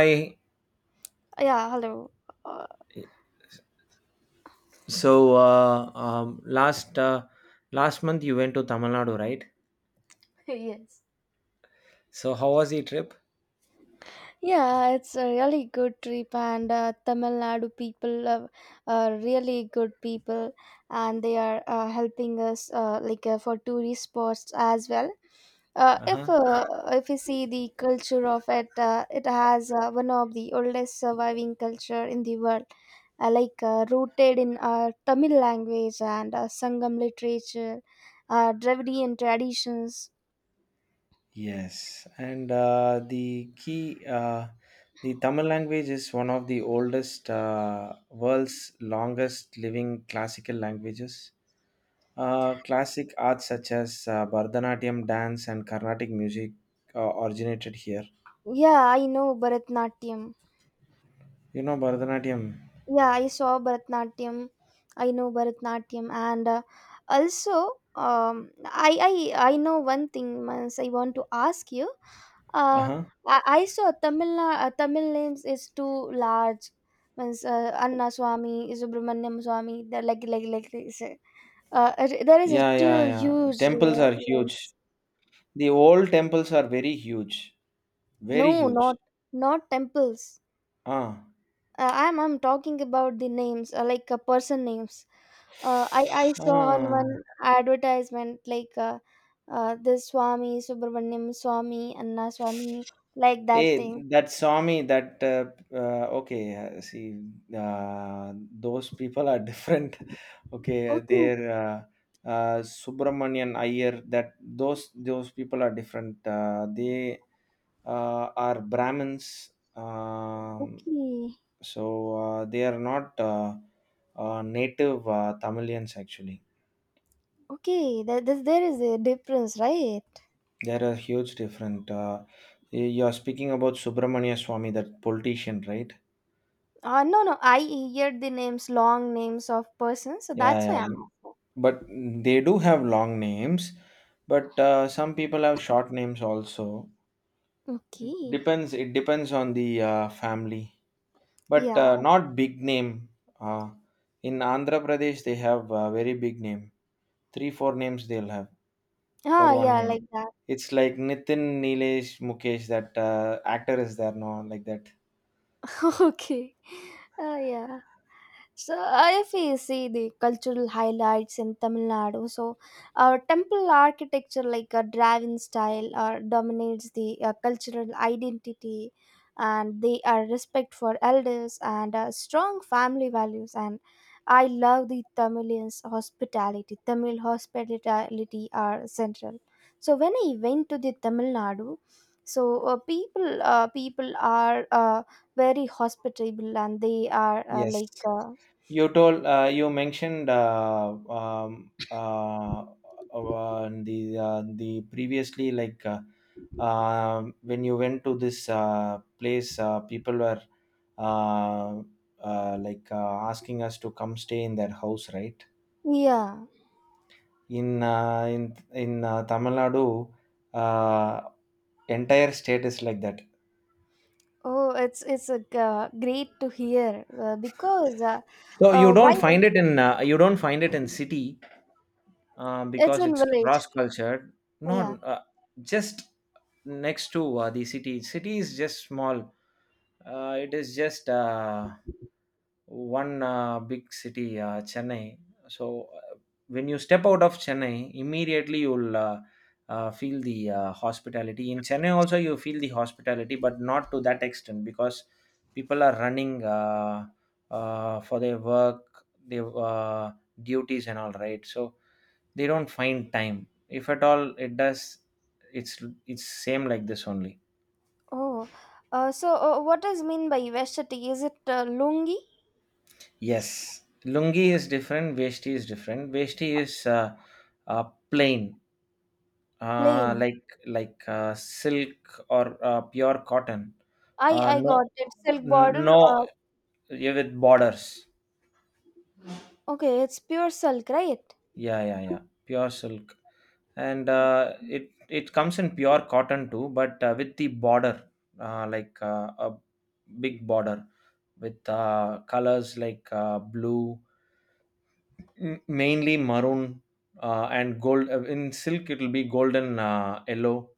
Hi. Yeah, hello. Uh, So uh, um, last last month you went to Tamil Nadu, right? yes. So how was the trip? Yeah, it's a really good trip, and Tamil Nadu people are really good people, and they are helping us for tourist spots as well. Uh, Uh if huh. uh, if you see the culture of it, it has one of the oldest surviving culture in the world, rooted in Tamil language and Sangam literature, Dravidian traditions. Yes, and key uh, the Tamil language is one of the oldest, world's longest living classical languages. Classic arts such as Bharatanatyam dance and Carnatic music originated here. Yeah, I know Bharatanatyam. You know Bharatanatyam. Yeah, I saw Bharatanatyam. I know Bharatanatyam, and also um, I I know one thing, Mans. I want to ask you. Uh Uh, huh. I saw Tamil names is too large. Means Anna Swami, Subramanyam Swami. They're like this. Uh, there is a Yeah, yeah, too yeah. huge. Temples are huge. means- The old temples are very huge, very no, huge. not temples. Ah, I'm talking about the names person names. I saw on ah. one advertisement like this Swami Subramaniam Swami Anna Swami like that Hey, thing. that Swami, that okay. See, those people are different. Okay, Okay, they're Subramanian Iyer. That those people are different. They are Brahmins. Um, okay, so uh, they are not native Tamilians actually. okay. There is a difference, right? There are huge different. You are speaking about Subramania Swami, that politician, right? No, no. I hear the names, long names of persons, so Yeah, that's yeah. why I'm. Mm. But they do have long names, but some people have short names also. It Okay. depends. It depends on the family, but Yeah. Not big name. Uh, in Andhra Pradesh, they have a very big name. Three, four names they'll have for Ah, one yeah, name. like that. It's like Nitin, Nilesh, Mukesh. That actor is there, no, like that. okay. Yeah. So if we see the cultural highlights in Tamil Nadu, so temple architecture like a drive-in style dominates the cultural identity, and they are respect for elders and strong family values. And I love the Tamilians hospitality. Tamil hospitality are central. So when I went to the Tamil Nadu, so people are. Very hospitable and they are Yes. You mentioned um, uh, uh, the the previously like when you went to this place, people were uh, asking us to come stay in their house, right? yeah. In uh, in in Tamil Nadu, uh, entire state is like that. Oh, it's great to hear because why You don't find it in city. Um, it's because in it's cross village. cultured. Yeah. Not Just next to the city. City is just small. It is just one big city, Chennai. So uh, when you step out of Chennai, immediately you'll feel the hospitality. In Chennai also, you feel the hospitality, but not to that extent because people are running for their work, their duties, and all right. So they don't find time if at all it does it's it's same like this only. Oh, so what does mean by vashti, is it lungi? Yes. Lungi is different, veshti is different. Veshti is uh, uh, plain, uh, Plain. like like silk or pure cotton. i uh, i no got it silk border. no, uh, yeah, with borders. okay, it's pure silk, right? Yeah, yeah, yeah, pure silk. And it it comes in pure cotton too, but with the border, a big border with colors like blue, mainly maroon, and gold. In silk it will be golden, yellow,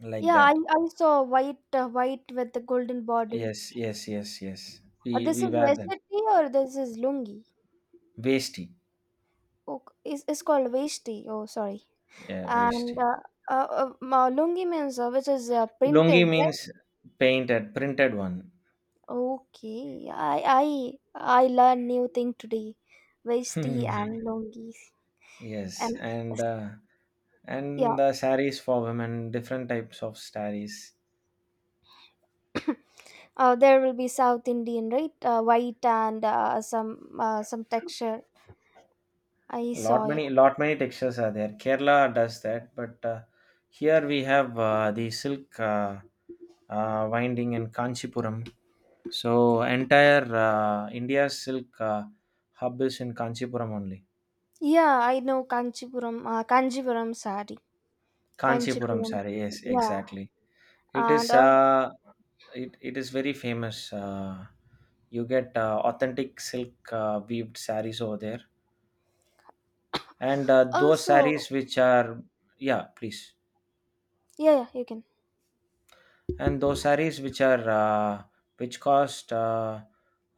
like Yeah, i that. i saw white, white with the golden border. Yes, yes, yes, yes, This we is wear that. vashti or this is lungi? Vesti. Okay, is it's called vashti, oh sorry. Yeah, And vesti. Lungi means which is Lungi printed, means right? painted, printed one. Okay, I I learn new thing today. Vesti and lungi, Yes, and Yes. and yeah, the saris for women, different types of saris. There will be South Indian, right? White and some texture. I saw it. Lot many textures are there. Kerala does that, but here we have the silk winding in Kanchipuram. So entire India's silk hub is in Kanchipuram only. Yeah, I know Kanchipuram, Kanjipuram sari, Kanchipuram Kanchipuram. sari, yes, Yeah, exactly. It and is uh, it is very famous. You get authentic silk weaved saris over there, and those also. sarees which are— yeah, please. Yeah, yeah, you can. And those sarees which are which cost uh,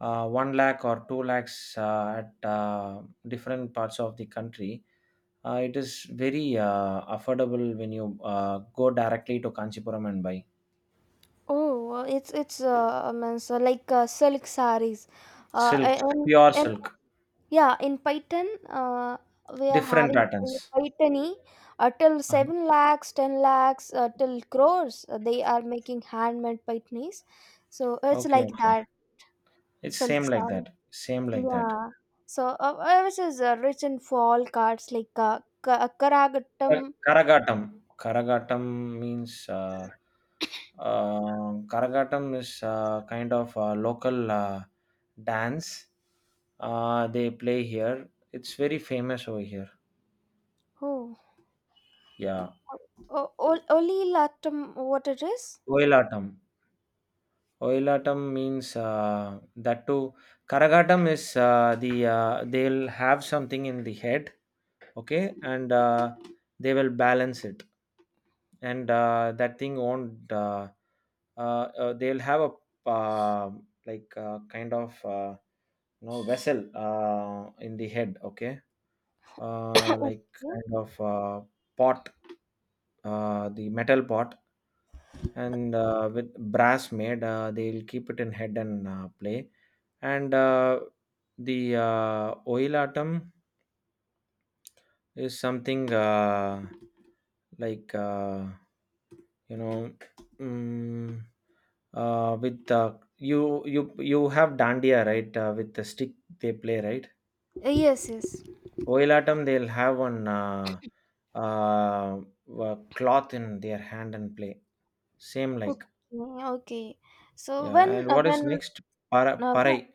uh, 1 lakh or 2 lakhs at different parts of the country, it is very affordable when you go directly to kanchipuram and buy. Oh, it's means like silk sarees, uh, Silk, a- and pure and silk, yeah, in Python, we are different having patterns. Pythony till Uh-huh. 7 lakhs, 10 lakhs, till crores. They are making handmade Pythonies, so it's Okay, like okay, that it's silk same like saree. that, same like that. Yeah, so which is rich in fall cards like Kara Karagattam. Karagatam. Karagatam means Karagatam is kind of a local dance. They play here. It's very famous over here. Oh, Yeah. Oli Lattam, what it is? Oilatam. Oilatam means that too. Karagatam is they'll have something in the head, okay, and they will balance it, and that thing won't uh, they'll have a uh kind of, you know, vessel in the head, okay, uh, like kind of pot, the metal pot, and with brass made, they'll keep it in head and play. And the oilatum is something, like uh, you know, mm, with you you have dandiya, right, with the stick they play, right? Okay. Yes, yes. Oilatum, they'll have one uh, cloth in their hand and play, same like— Okay, okay. So yeah, when and what is next? Uh, wh- Parai.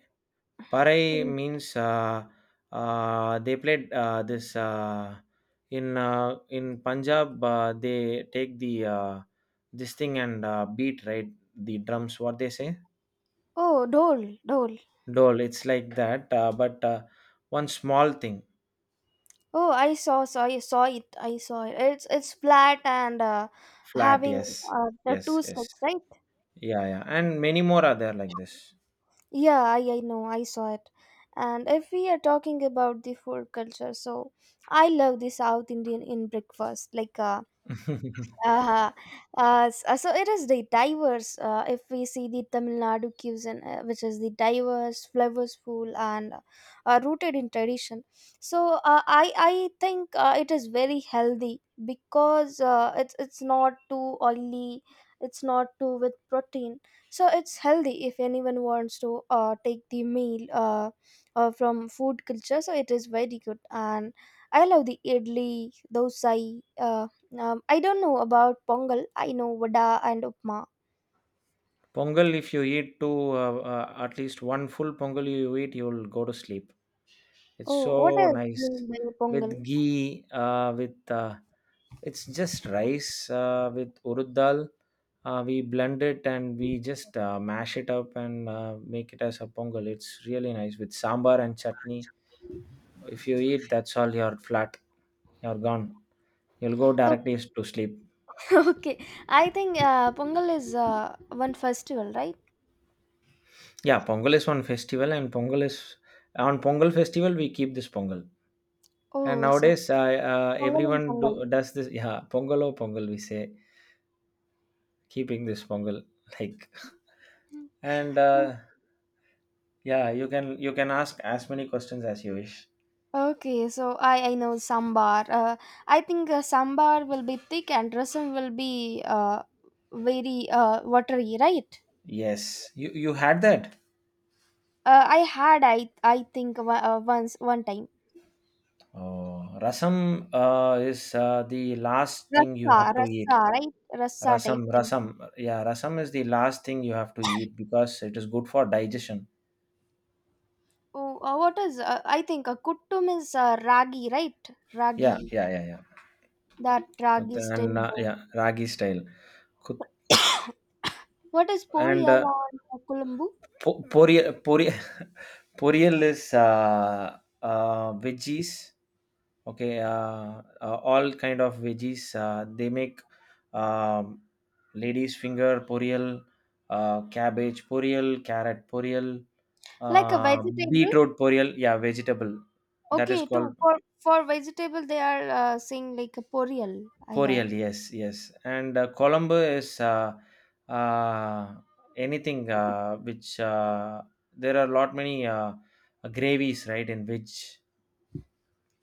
parai mm, means uh, uh, they played this in punjab, they take the this thing and beat, right, the drums, what they say. oh Dole Dole. Dole, it's like that, but one small thing, Oh, I saw it. It's flat and flat, having yes, the yes, two yes, sticks, right? yeah, yeah, and many more are there like this. Yeah, I know I saw it. And if we are talking about the food culture, so I love the South Indian in breakfast, like Uh, so it is the diverse. If we see the Tamil Nadu cuisine, which is the diverse, flavorful, and rooted in tradition, so I think it is very healthy because it's not too oily, it's not too with protein, so it's healthy if anyone wants to take the meal from food culture. So it is very good, and I love the idli, dosai. Uh, I don't know about pongal. I know vada and upma. Pongal, if you eat at least one full pongal you eat, you'll go to sleep. It's Oh, what so else? nice Mean by with pongal? ghee, with it's just rice with urud dal. We blend it and we just mash it up and make it as a pongal. It's really nice with sambar and chutney. If you eat, that's all. You're flat. You're gone. You'll go Okay, directly to sleep. okay. I think pongal is one festival, right? Yeah, Pongal is one festival, and Pongal is— on Pongal festival we keep this Pongal. And Oh, so nowadays, I pongal and everyone pongal. do, does this. Yeah, Pongal or Pongal, we say keeping this Pongal like, and Mm. Yeah, you can ask as many questions as you wish. Okay, so I know sambar. I think sambar will be thick and rasam will be very watery, right? Yes, you had that. I had I think once one time Oh, rasam is the last thing you rasa have to eat. rasa right, rasa Rasam, type thing. rasam. Yeah, rasam is the last thing you have to eat because it is good for digestion. Oh, what is? I think kuttum is ragi, right? Yeah, Ragi, yeah, yeah, yeah. that With— ragi and steamed dough. yeah, ragi style. Kut— What is and poriyal or kulambu? Pori— poriel is veggies. Okay, all kind of veggies. They make um, lady's finger poriel, cabbage poriel, carrot poriel, Like a uh, vegetable? beetroot poriel. Yeah, vegetable. That is Okay, too. called For vegetable, they are saying like a poriyal. I got. Forial, yes, yes. And Colombo is uh, anything which— there are lot many gravies, right? In which—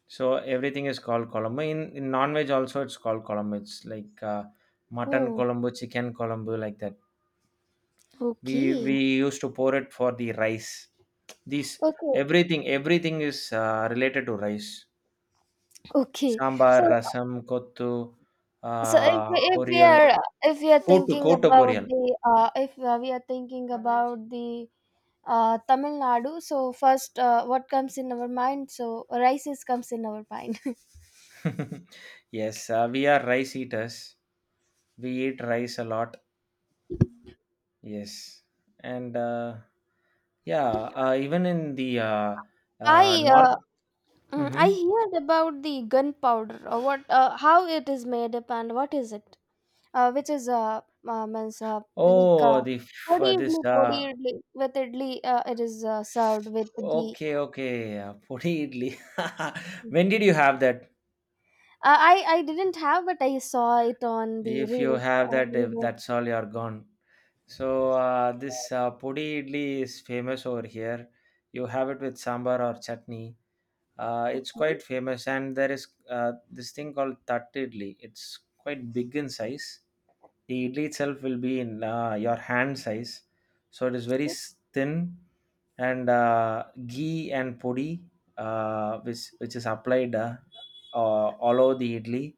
so everything is called Colombo. In non veg also, it's called Colombo. It's like mutton Oh, Colombo, chicken Colombo, like that. Okay. We used to pour it for the rice. These— Okay, everything is related to rice. okay. Sambar, So, rasam, kottu, so if we- if we poriyal, are if we are thinking கூட்டு about poriyal. the if we are thinking about the Tamil Nadu. So first, what comes in our mind? So rice is comes in our mind. Yes, we are rice eaters. We eat rice a lot. Yes, and yeah, even in the I uh, north. Hmm. I heard about the gunpowder. What? How it is made up and what is it? Which is means like Oh, the this. podi idli with idli. It is served with ghee. Okay, okay. Puri idli. Mm. When did you have that? I didn't have, but I saw it on the If you reels. have that, if Video. that's all. You're gone. So this pudi idli is famous over here. You have it with sambar or chutney. It's Okay. quite famous, and there is this thing called Tatti Idli. It's quite big in size. The idli itself will be in your hand size, so it is very So thin, and ghee and podi, which is applied all over the idli,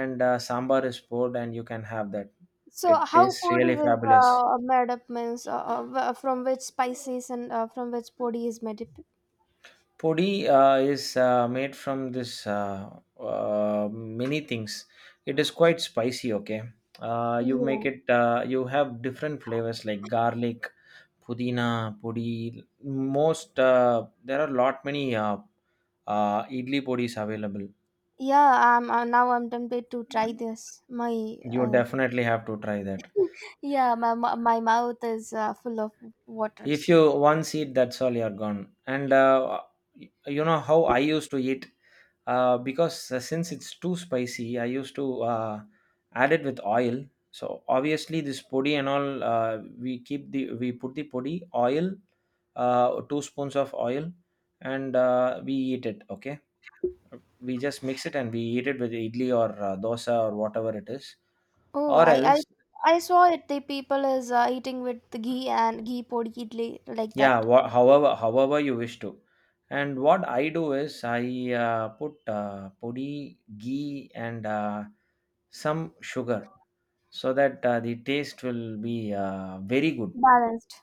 and sambar is poured, and you can have that. so It how tastes really podi is fabulous. Made up, means from which spices and from which podi is made up? Podi is made from this, many things. It is quite spicy. Okay, you make Yeah, it. You have different flavors like garlic, pudina, podi. Most— there are lot many idli podis available. yeah. I'm now I'm tempted to try this. My You uh, definitely have to try that. yeah, my mouth is full of If waters. you once eat, that's all, you're gone. And you know how I used to eat. Because since it's too spicy I used to add it with oil, so obviously this podi and all, we put the podi oil, two spoons of oil, and we eat it, okay, we just mix it and we eat it with idli or dosa or whatever it is. Oh, Or I I else, I saw it. The people is eating with the ghee and ghee podi idli like yeah, that, however, however you wish to. And what I do is I put pudi, ghee, and some sugar, so that the taste will be very good, balanced.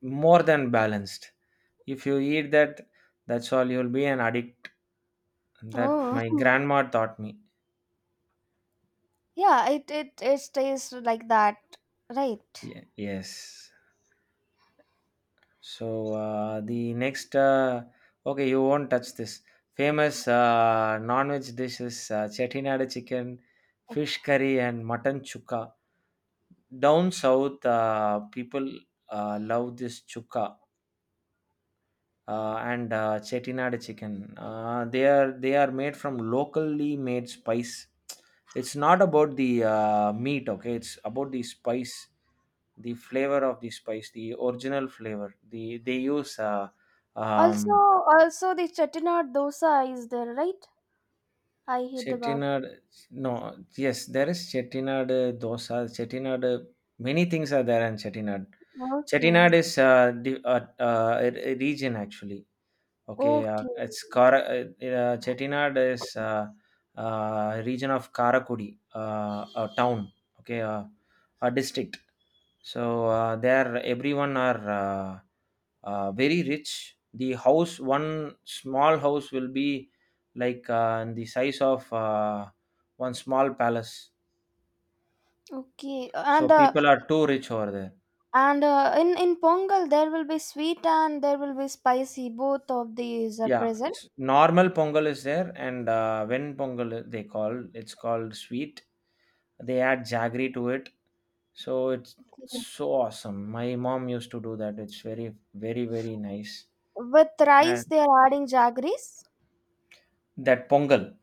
more than balanced. If you eat that, that's all, you'll be an addict. That Oh, my grandma taught me. yeah. It tastes like that, right? Yes. So the next, okay, you won't touch this— famous non-veg dishes: chettinad chicken, fish curry, and mutton chukka. Down south, people love this chukka and chettinad chicken. They are made from locally made spice. It's not about the meat, okay? It's about the spice, the flavor of the spice, the original flavor. The they use. Also, um, also the chettinad dosa is there, right? I heard about it. Chettinad— no, yes, there is Chettinad dosa. Chettinad, many things are there in Chettinad. Chettinad Okay. is the, a region actually. Okay, Okay, it's Kara. Chettinad is region of Karakudi, a town. Okay, a district. So there, everyone are. Very rich. The house, one small house, will be like the size of one small palace. okay, So and uh, people are too rich over there. and uh, in Pongal there will be sweet and there will be spicy. Both of these are Yeah, present. Normal pongal is there, and when pongal I- they call it's called sweet. They add jaggery to it, so it's Okay. so awesome. My mom used to do that. It's very, very, very nice. With rice, And they are adding jaggeries. that pongal,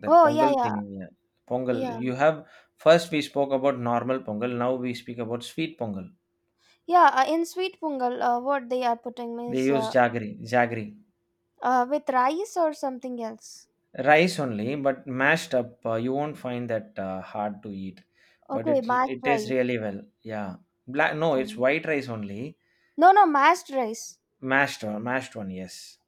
That Oh, yeah, Pongal yeah, thing, yeah. Pongal. yeah, You have First we spoke about normal Pongal. Now we speak about sweet Pongal. yeah. In sweet Pongal, what they are putting They is use jaggery, with rice or something else. rice only, but mashed up. You won't find that hard to eat, but Okay, it mashed it tastes rice. really well. Yeah, black. No, it's Um, white rice only, no, no, mashed rice. mashed one, mashed one. Yes,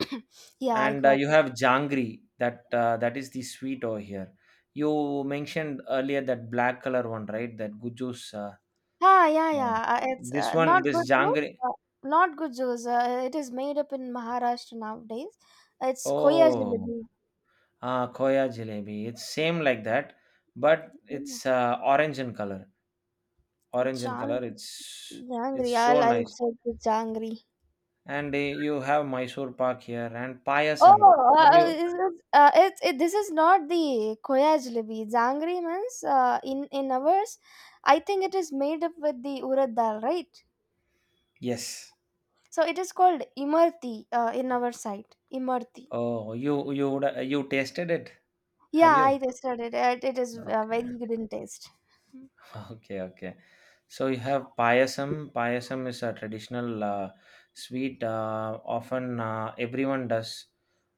Yeah, I and got. you have jangri. That is the sweet over here. You mentioned earlier that black color one, right? That guju's. Ah, yeah, uh, yeah. It's this one, not this good juice. jangri. Not good juice. It is made up in Maharashtra nowadays. It's Koya Oh, jalebi. Koya jalebi. It's same like that, but Oh, it's orange in color. Orange in color. Jang- It's jangri. so I'll nice. check the jangri. And you have Mysore Pak here and payasam. Oh, Have you? is it, it, it, this is not the Koya jalebi. Jangri means in ours, I think it is made up with the urad dal, right? Yes. So it is called imarti in our side. Imarti. Oh, you tasted it? Have Yeah, I you? tasted it. It is Okay. very good in taste. Okay, okay. So you have payasam. Payasam is a traditional sweet. Often everyone does.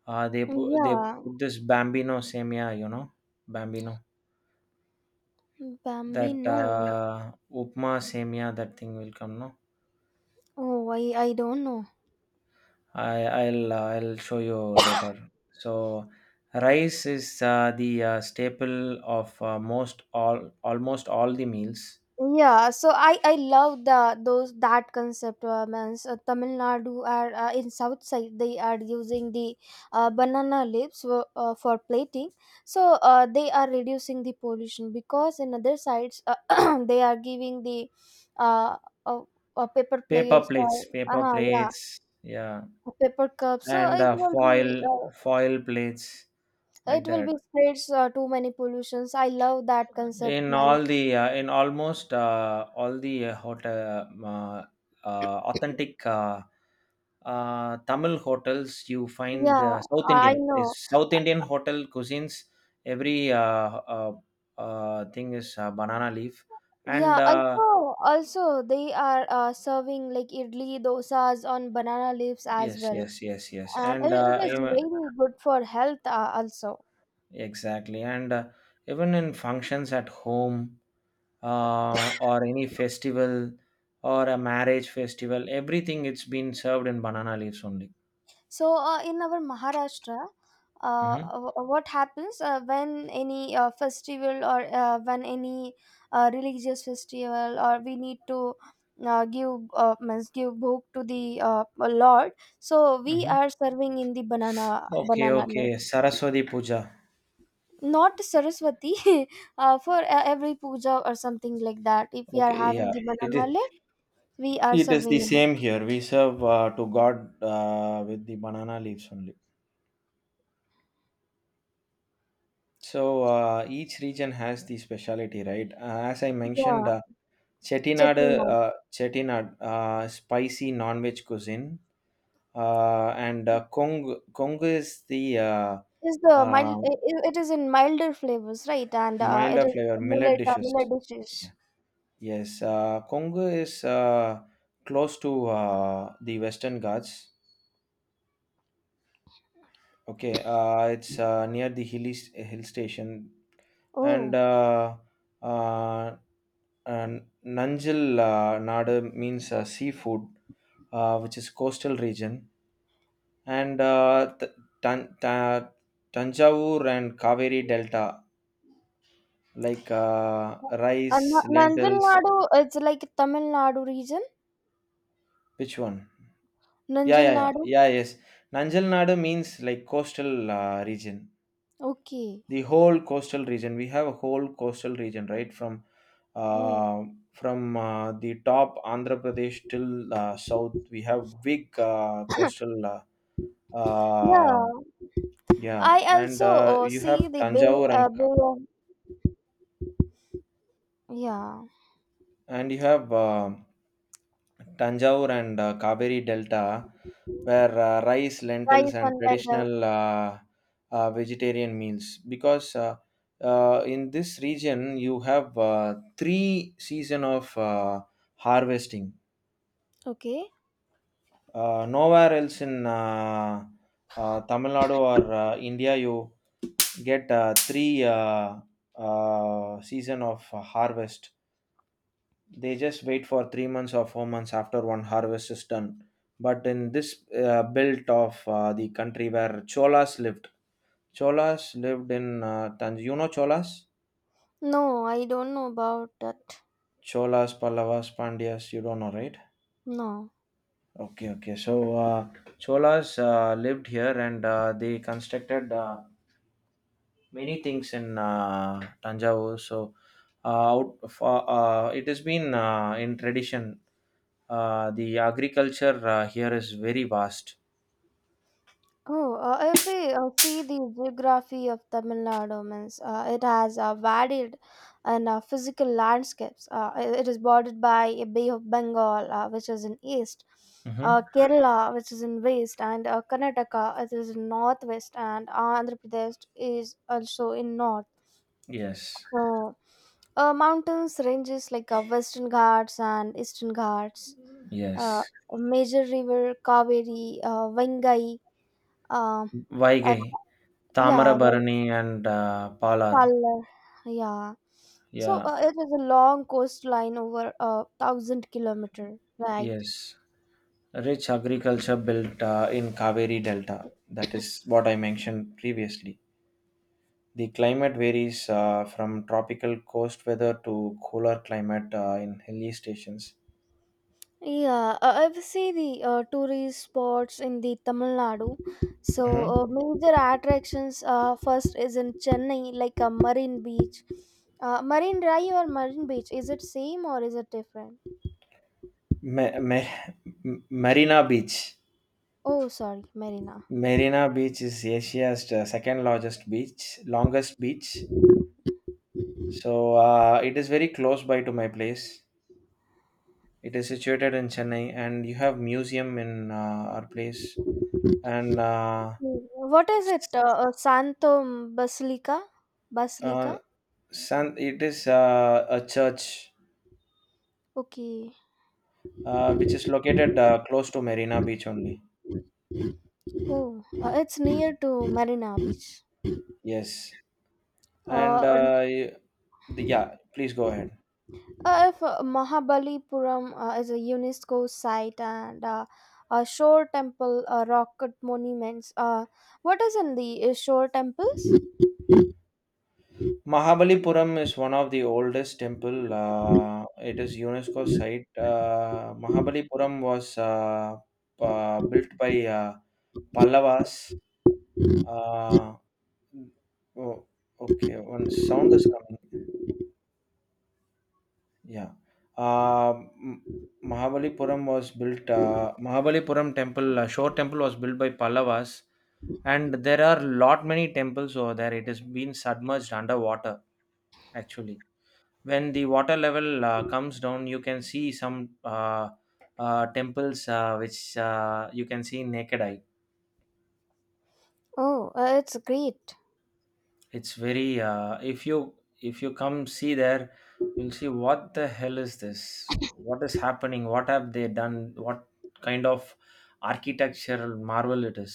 They put they Yeah, put this bambino semia. You know, bambino. Bambi, That no. Upma semia. That thing will come. No, Oh, I don't know. I'll show you later. So rice is the staple of most all almost all the meals. Yeah, so I love the those that concept. Means Tamil Nadu are in south side they are using the banana leaves for plating. So they are reducing the pollution because in other sides they are giving the uh, uh, paper Paper plates plates. or Paper yeah plates. Yeah, paper cups. So and it will foil be. Foil plates, like It will that, be spreads too many pollutions. I love that concept, man. In almost all the hotel, authentic Tamil hotels. You find Yeah, the South I Indian know. is South Indian hotel cuisines. Every thing is banana leaf, and Yeah, also, also they are serving like idli dosas on banana leaves as yes, well, yes, yes, yes. and And it, it is even. very good for health also. Exactly. And even in functions at home, or any festival, or a marriage festival, everything it's been served in banana leaves only. So, in our Maharashtra, Mm-hmm. What happens when any festival or when any religious festival or we need to give means give bhog to the Lord? So we Mm-hmm. are serving in the banana Okay, banana leaf, okay. Saraswati Puja. not Saraswati, for every puja or something like that. If we are Okay, having yeah. the It banana is, leaf, we are it is serving the in it. same here. We serve to God with the banana leaves only. So each region has the speciality, right? As I mentioned, Yeah, Chettinad, chutney one. Chettinad, spicy non-veg cuisine. And Kong is the Is the uh, mild it is in milder flavors, right, and it milder is flavor millet dishes. millet dishes. Yeah. Yes, Congo is close to the Western Ghats. Okay, it's near the hill station, and Oh, uh, uh, and Nanjil Nadu means seafood, which is coastal region, and Tan- Ta- Tanjavur and Kaveri Delta, like and rice, Nanjil lentils. Nadu, it's like Tamil Nadu region. Which one? Yeah, Nanjil yeah, yeah, Nadu. yeah. Yes, Nanjal Nadu means like coastal region. Okay. The whole coastal region. We have a whole coastal region, right? Oh. uh, from the top Andhra Pradesh till south, we have big coastal. Uh, Yeah, yeah, I and also you see have the bay, Tanjore and bay of, yeah. and you have um Tanjore and Kaveri Delta, where rice, lentils, Rice and and lentils. traditional vegetarian meals. Because in this region, you have three season of harvesting. Okay, Nowhere else in Tamil Nadu or India, you get three season of harvest. They just wait for 3 months or 4 months after one harvest is done. But in this belt of the country where Cholas lived in Tanj. You know Cholas, no, I don't know about that. Pallavas, Pandyas. You don't know, right? No. Okay, okay. So Cholas lived here, and they constructed many things in Tanjavur. So it has been in tradition. The agriculture here is very vast. Oh, if we see the geography of Tamil Nadu, means it has varied and physical landscapes. It is bordered by a Bay of Bengal, which is in east, Mhm. Kerala, which is in west, and Karnataka, it is in northwest, and Andhra Pradesh is also in north. Yes, So, mountains ranges like Western Ghats and Eastern Ghats. Uh, yes. major river Kaveri, Vengai. Um, Vaigai, yeah, well, Tamarabarani, and Palar. Pallar. Yeah. So Yeah, it is a long coastline over 1,000 kilometer, right? yes. Rich agriculture built in Kaveri Delta. That is what I mentioned previously. The climate varies from tropical coast weather to cooler climate in hilly stations. Yeah, if you see the tourist spots in the Tamil Nadu, so Hmm. Major attractions first is in Chennai, like a Marine Beach. Marine Drive or Marine Beach, is it same or is it different? Ma- Ma- Marina Beach. Oh, sorry, Marina. Marina Beach is Asia's second largest beach, longest beach. So it is very close by to my place. It is situated in Chennai, and you have museum in our place. And Okay, what is it? s- Santo Basilica? uh, Basilica? San, it is a church Okay. Which is located close to Marina Beach only. Oh, it's near to Marina Beach. Yes, and Uh, um, yeah, please go ahead. If Mahabalipuram is a UNESCO site and a shore temple, rocket monuments. What is in the shore temples? Mahabalipuram is one of the oldest temple. It is UNESCO site. Mahabalipuram was built by Pallavas. Uh, oh, okay, one sound is coming. Yeah. Uh, M- Mahabalipuram was built. Mahabalipuram temple, shore temple was built by Pallavas, and there are lot many temples over there. It has been submerged underwater actually. When the water level comes down, you can see some temples which you can see naked eye. Oh, it's great. It's very if you come see there, you'll see what the hell is this, what is happening, what have they done, what kind of architectural marvel it is.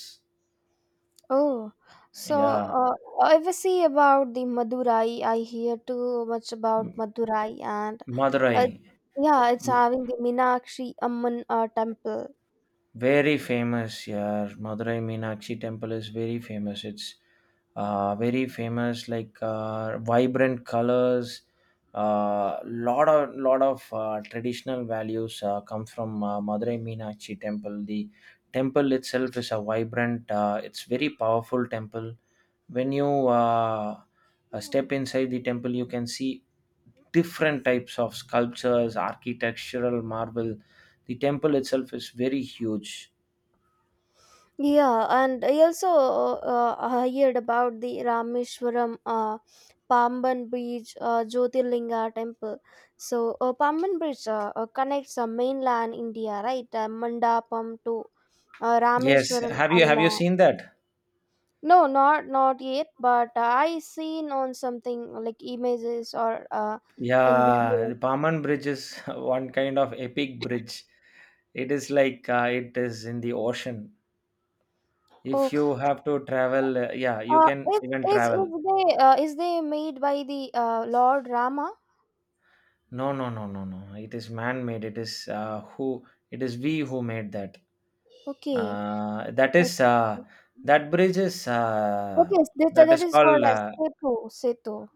Oh, so Yeah, uh, if I see about the Madurai, I hear too much about Madurai and Madurai. uh, yeah, it's having the Meenakshi Amman temple. Very famous, yeah. Madurai Meenakshi temple is very famous. It's very famous, like vibrant colors. Lot of traditional values come from Madurai Meenakshi temple. The temple itself is a vibrant. It's very powerful temple. When you step inside the temple, you can see different types of sculptures, architectural marble. The temple itself is very huge. Yeah, and I also heard about the Rameshwaram Pamban Bridge Jyotirlinga temple. Pamban Bridge connects mainland India, right? Mandapam to Yes, Rameshwaram have you Island. seen that? No, not yet, but I seen on something like images or in Yeah, the video. Paman Bridge is one kind of epic bridge. It is like it is in the ocean. If Oh, you have to travel, yeah, you uh, can is even is travel. Is they made by the Lord Rama? No, no, no, no, no. It is man-made. It is who? It is we who made that. Okay. That is that bridge is Okay, that that that is is called called as uh, Setu, Setu.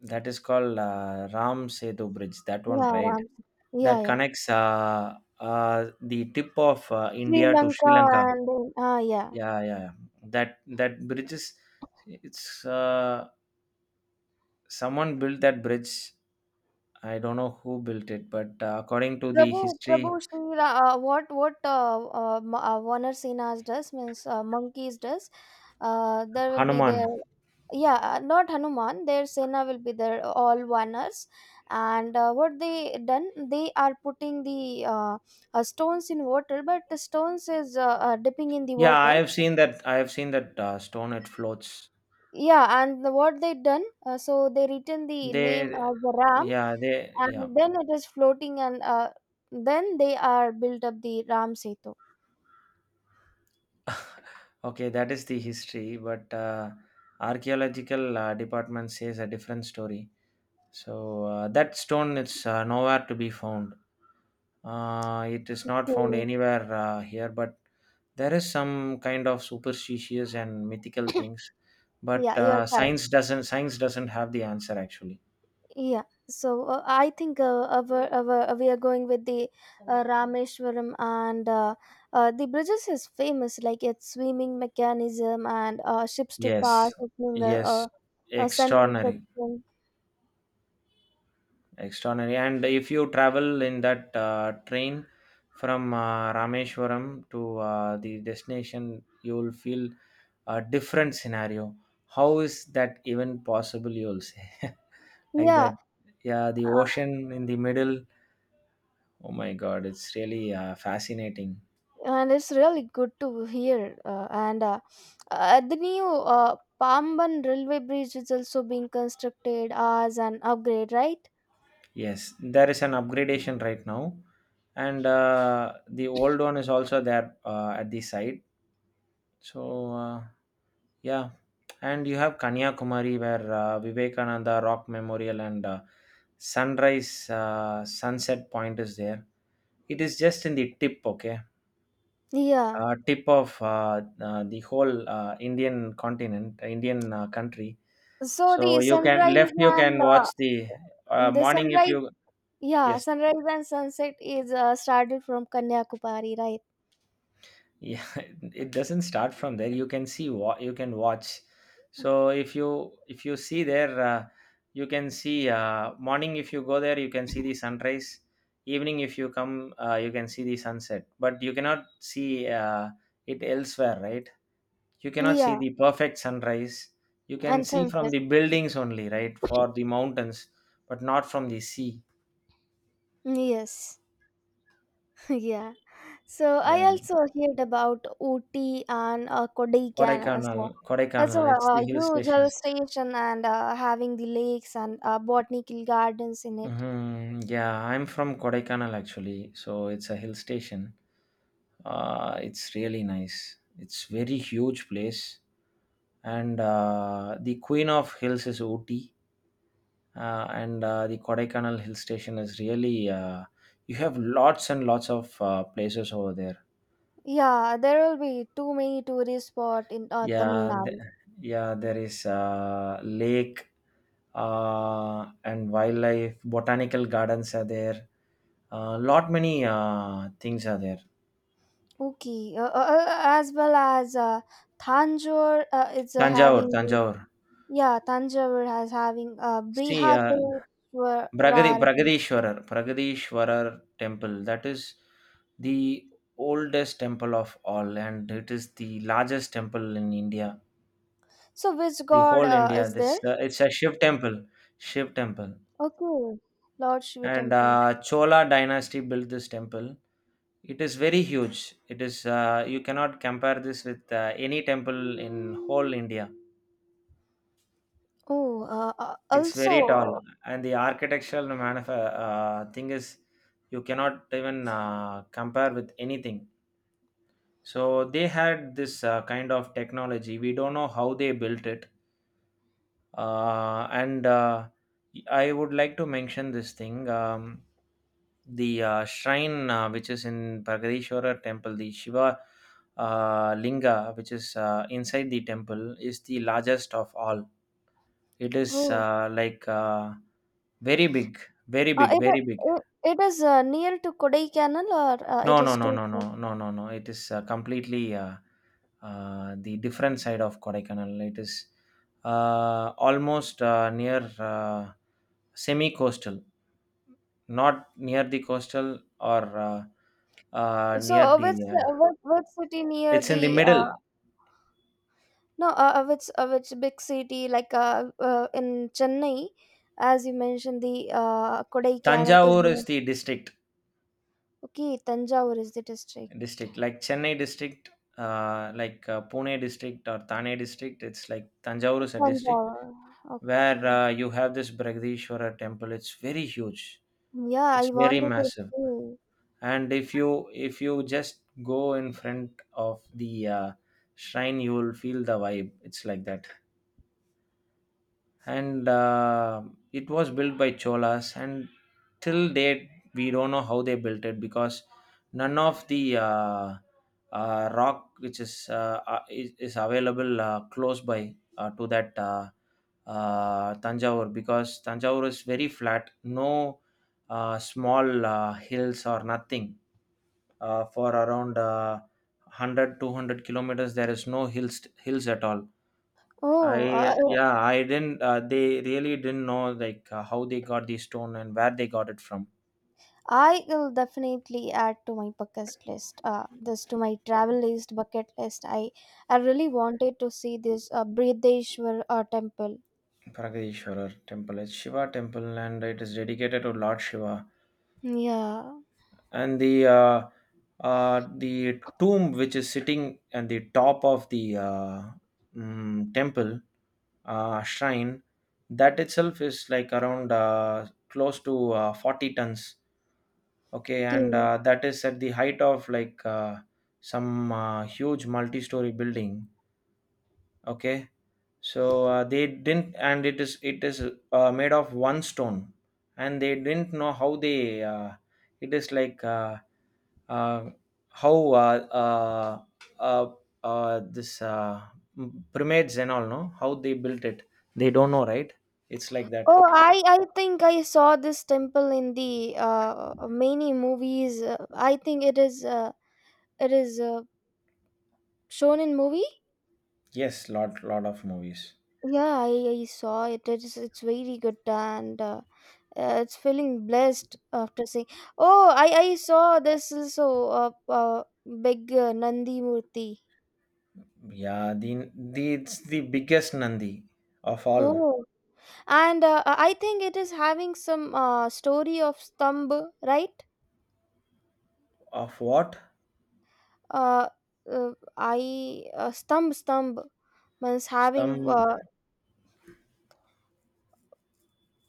that is called Ram Setu Bridge. That one, Yeah, right? Ram. Yeah, That yeah. connects the tip of Sri India to Sri Lanka Lanka. and then, ah, yeah. Yeah, yeah, yeah. That bridge is it's someone built that bridge. I don't know who built it, but according to the Prabhu, history, Prabhu Sri, what Warner Sinha's does means monkeys does. There will be Hanuman. their yeah, not Hanuman. Their Sena will be their all Warners, and what they done, they are putting the stones in water, but the stones is dipping in the Yeah, I water. have seen that. I have seen that stone. It floats. Yeah, and the, what they done, so they written the name They, as the Ram, yeah, they, yeah. and then it is floating, and then they are built up the Ram Setu. Okay, that is the history, but archaeological department says a different story. So that stone is nowhere to be found. It is not found Okay. anywhere here, but there is some kind of superstitious and mythical things. But Yeah, you are correct. Science doesn't have the answer actually. Yeah. I think we are going with the Rameshwaram and the bridges is famous like its swimming mechanism and ships to pass Yes, opening yes, a central extraordinary. section. Extraordinary. And if you travel in that train from Rameshwaram to the destination, you will feel a different scenario. How is that even possible? You'll say like that. Yeah, Yeah, the ocean in the middle. Oh my God, it's really fascinating. and it's really good to hear and the new Pamban railway bridge is also being constructed as an upgrade, right? Yes, there is an upgradation right now, and the old one is also there at the site. So. Yeah, and you have Kanyakumari, where Vivekananda Rock Memorial and Sunrise Sunset Point is there. It is just in the tip, okay, Yeah, tip of the whole Indian continent, Indian country. so So the you can sunrise left, you and can watch the the morning if sunrise you. yeah, Yes, sunrise and sunset is started from Kanyakumari, right? yeah, it doesn't start from there. You can see what you can watch. So if you see there, you can see morning. If you go there, you can see the sunrise. Evening, if you come, you can see the sunset, but you cannot see it elsewhere, right? You cannot see Yeah, the perfect sunrise. You can and see from sunset. the buildings only, right, for the mountains, but not from the sea. Yes. Yeah. So Yeah. I also heard about Ooty and Kodaikanal as kodaikanal well. It's kodaikanal a it's the hill huge station. hill station and having the lakes and botanical gardens in it. Mhm, yeah, I'm from Kodaikanal actually, so it's a hill station. It's really nice. It's very huge place, and the queen of hills is Ooty, and the Kodaikanal hill station is really. You have lots and lots of places over there. Yeah, there will be too many tourist spot in Tamil Yeah, Nadu. yeah, there is lake, and wildlife, botanical gardens are there. Lot many things are there. Okay, as well as Tanjore is Thanjavur, having the- Thanjavur. yeah, Tanjore has having See, Brihadeshwarar. Bragadishwarar temple. That is the oldest temple of all, and it is the largest temple in India. So which The god whole India. is This there? It's a Shiv temple. Shiv temple, Okay, Lord Shiva and temple. Chola dynasty built this temple. It is very huge. It is You cannot compare this with any temple in whole India. Oh, uh, uh, It's very tall, also, and the architectural thing is you cannot even compare with anything. So they had this kind of technology. We don't know how they built it, and I would like to mention this thing. The shrine which is in Bhagadishwara temple, the Shiva linga, which is inside the temple, is the largest of all. It is oh, like very big, very uh, big, it, very big. uh, it it is near to Kodaikanal or it No, no, is no, too no, no, far? no, no, no. It is completely the different side of Kodaikanal. It is almost near semi-coastal, not near the coastal. Or So, near the. Which city near It's in the the, middle. no, which big city like in Chennai, as you mentioned, the Kodaikanal is Tanjavur near. is the district, Okay, Tanjavur is the district. district like Chennai district, like Pune district or Thane district. It's like Tanjavur is a district Tanjavur. where Okay. You have this Bragdishwara temple. It's very huge. Yeah, I It's very wanted to massive. see. And if you just go in front of the shrine, you will feel the vibe. It's like that. And it was built by cholas, and till date we don't know how they built it, because none of the rock which is available close by to that Tanjavur, because Tanjavur is very flat. No small hills or nothing. For around 100 200 kilometers, there is no hills at all. Oh, I Yeah, I didn't. They really didn't know like how they got the stone and where they got it from. I will definitely add to my bucket list. This to my travel list, bucket list. I really wanted to see this Brideshwar temple. Parageshwarar temple, it's Shiva temple, and it is dedicated to Lord Shiva. Yeah. And the tomb, which is sitting at the top of the temple shrine, that itself is like, around, close to 40 tons. Okay, and Okay. That is at the height of like some huge multi-story building. Okay. So they didn't, and it is made of one stone, and they didn't know how they. It is like, uh, how uh, uh, uh, uh, this uh, pyramids and all. No, how they built it, they don't know, right? It's like that. Oh, I think I saw this temple in the many movies. I think it is shown in movie. Yes, lot of movies. Yeah, I saw it. It's very good and it's feeling blessed after seeing. Oh, I saw this also big Nandi Murti. Yeah, the it's the biggest nandi of all. Oh, and I think it is having some story of Stamb, right? Of what? Uh, uh, I Stamb Stamb means having Stum uh,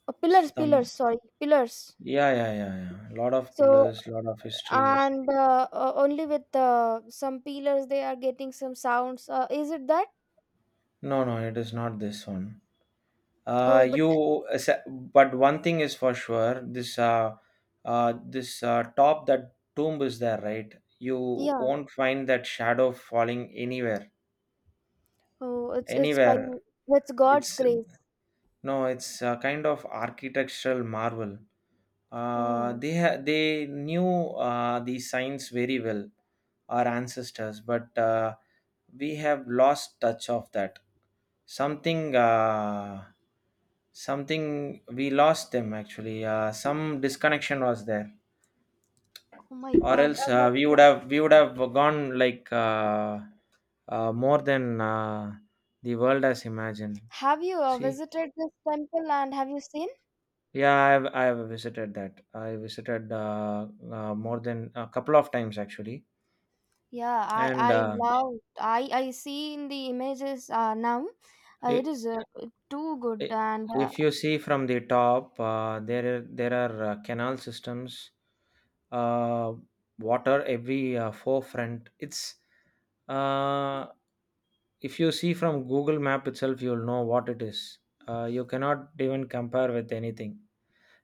uh, pillars, stum. pillars. Sorry, pillars. Yeah, yeah, yeah, yeah. Lot of So pillars, lot of history. and only with some pillars they are getting some sounds. Is it that? No, no, it is not this one. Oh, but But one thing is for sure. This, top, that tomb is there, right? You yeah. won't find that shadow falling anywhere, Oh, it's by anywhere. that's God's It's. grace. No, it's a kind of architectural marvel. Oh. They knew the signs very well, our ancestors, but we have lost touch of that. Something uh, something we lost them, actually. Some disconnection was there, Oh my or God. else we would But have we would have gone like, more than the world has imagined. have you See. visited this temple and have you seen? Yeah, I've visited that. I visited more than a couple of times, actually. Yeah, and I uh, love I see in the images now. It i- is too good i- and if you see from the top, there are canal systems, uh, water every forefront. It's. uh, if you see from google map itself, you'll know what it is. You cannot even compare with anything.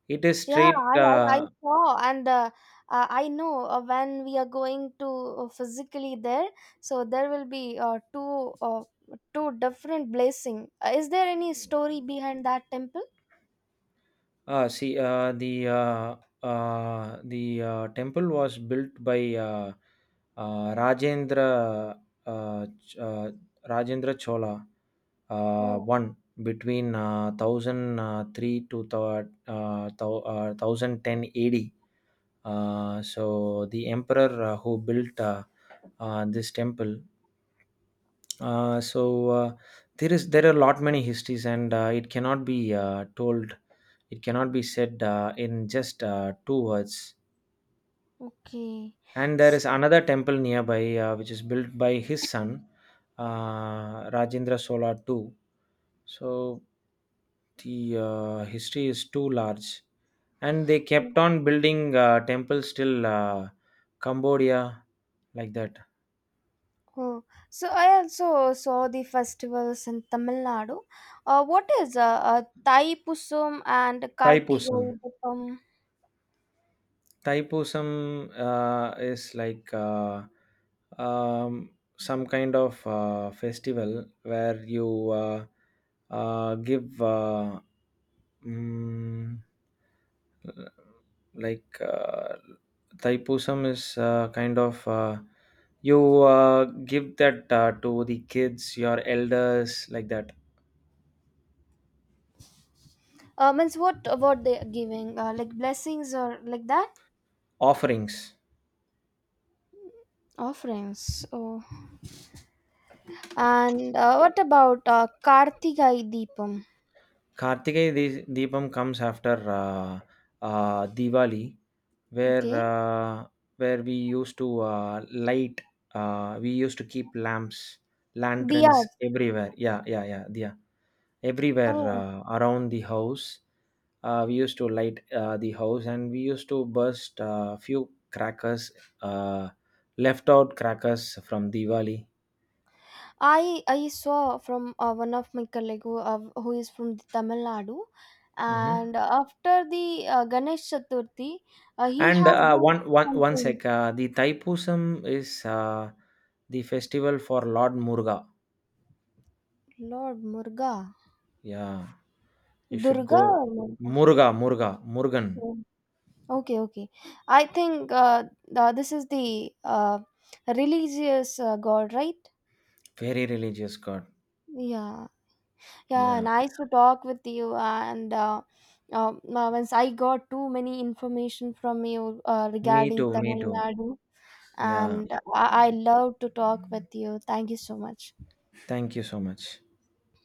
It is yeah, straight. I saw and I know when we are going to physically there, so there will be two two different blessing. Is there any story behind that temple? See, the temple was built by uh, Rajendra uh, Ch- uh, Rajendra Chola one, between 1000 three to 1010 AD. So the emperor who built this temple. So, there are lot many histories, and it cannot be told. It cannot be said in just two words. Okay. And there is So, another temple nearby, which is built by his son, Rajendra Sola too. So the history is too large, and they kept on building temples till Cambodia, like that. oh, so I also saw the festivals in Tamil Nadu. What is Thai Pusum and Thai Kartigai Taipussum. Deepam? Taipusam is like um, some kind of festival where you give, mm, like Taipusam is kind of, you give that to the kids, your elders, like that. Means what they are giving? Like blessings or like that? Offerings. Offerings. Oh. And what about Kartigai Deepam? Karthikeya Deepam comes after Diwali, where Okay. We used to light, we used to keep lamps, lanterns Diyas. everywhere. Yeah, yeah, yeah, yeah. Everywhere Oh. Around the house, we used to light the house, and we used to burst a few crackers, uh, left out crackers from Diwali. I saw from one of my colleague who is from the Tamil Nadu, Mhm. and after the Ganesh Chaturthi, he And has uh, done one, one, one something. sec, the Taipusam is the festival for Lord Murga. Lord Murga, Yeah, you should Durga go. or Murga? Murga, Murga, Murgan. Oh. Okay, okay. I think this is the religious god, right? Very religious god. Yeah. Yeah, Yeah. nice to talk with you. And once I got too many information from you Me regarding too, me Tamil too. Nadu, Yeah. and I love to talk with you. Thank you so much. Thank you so much.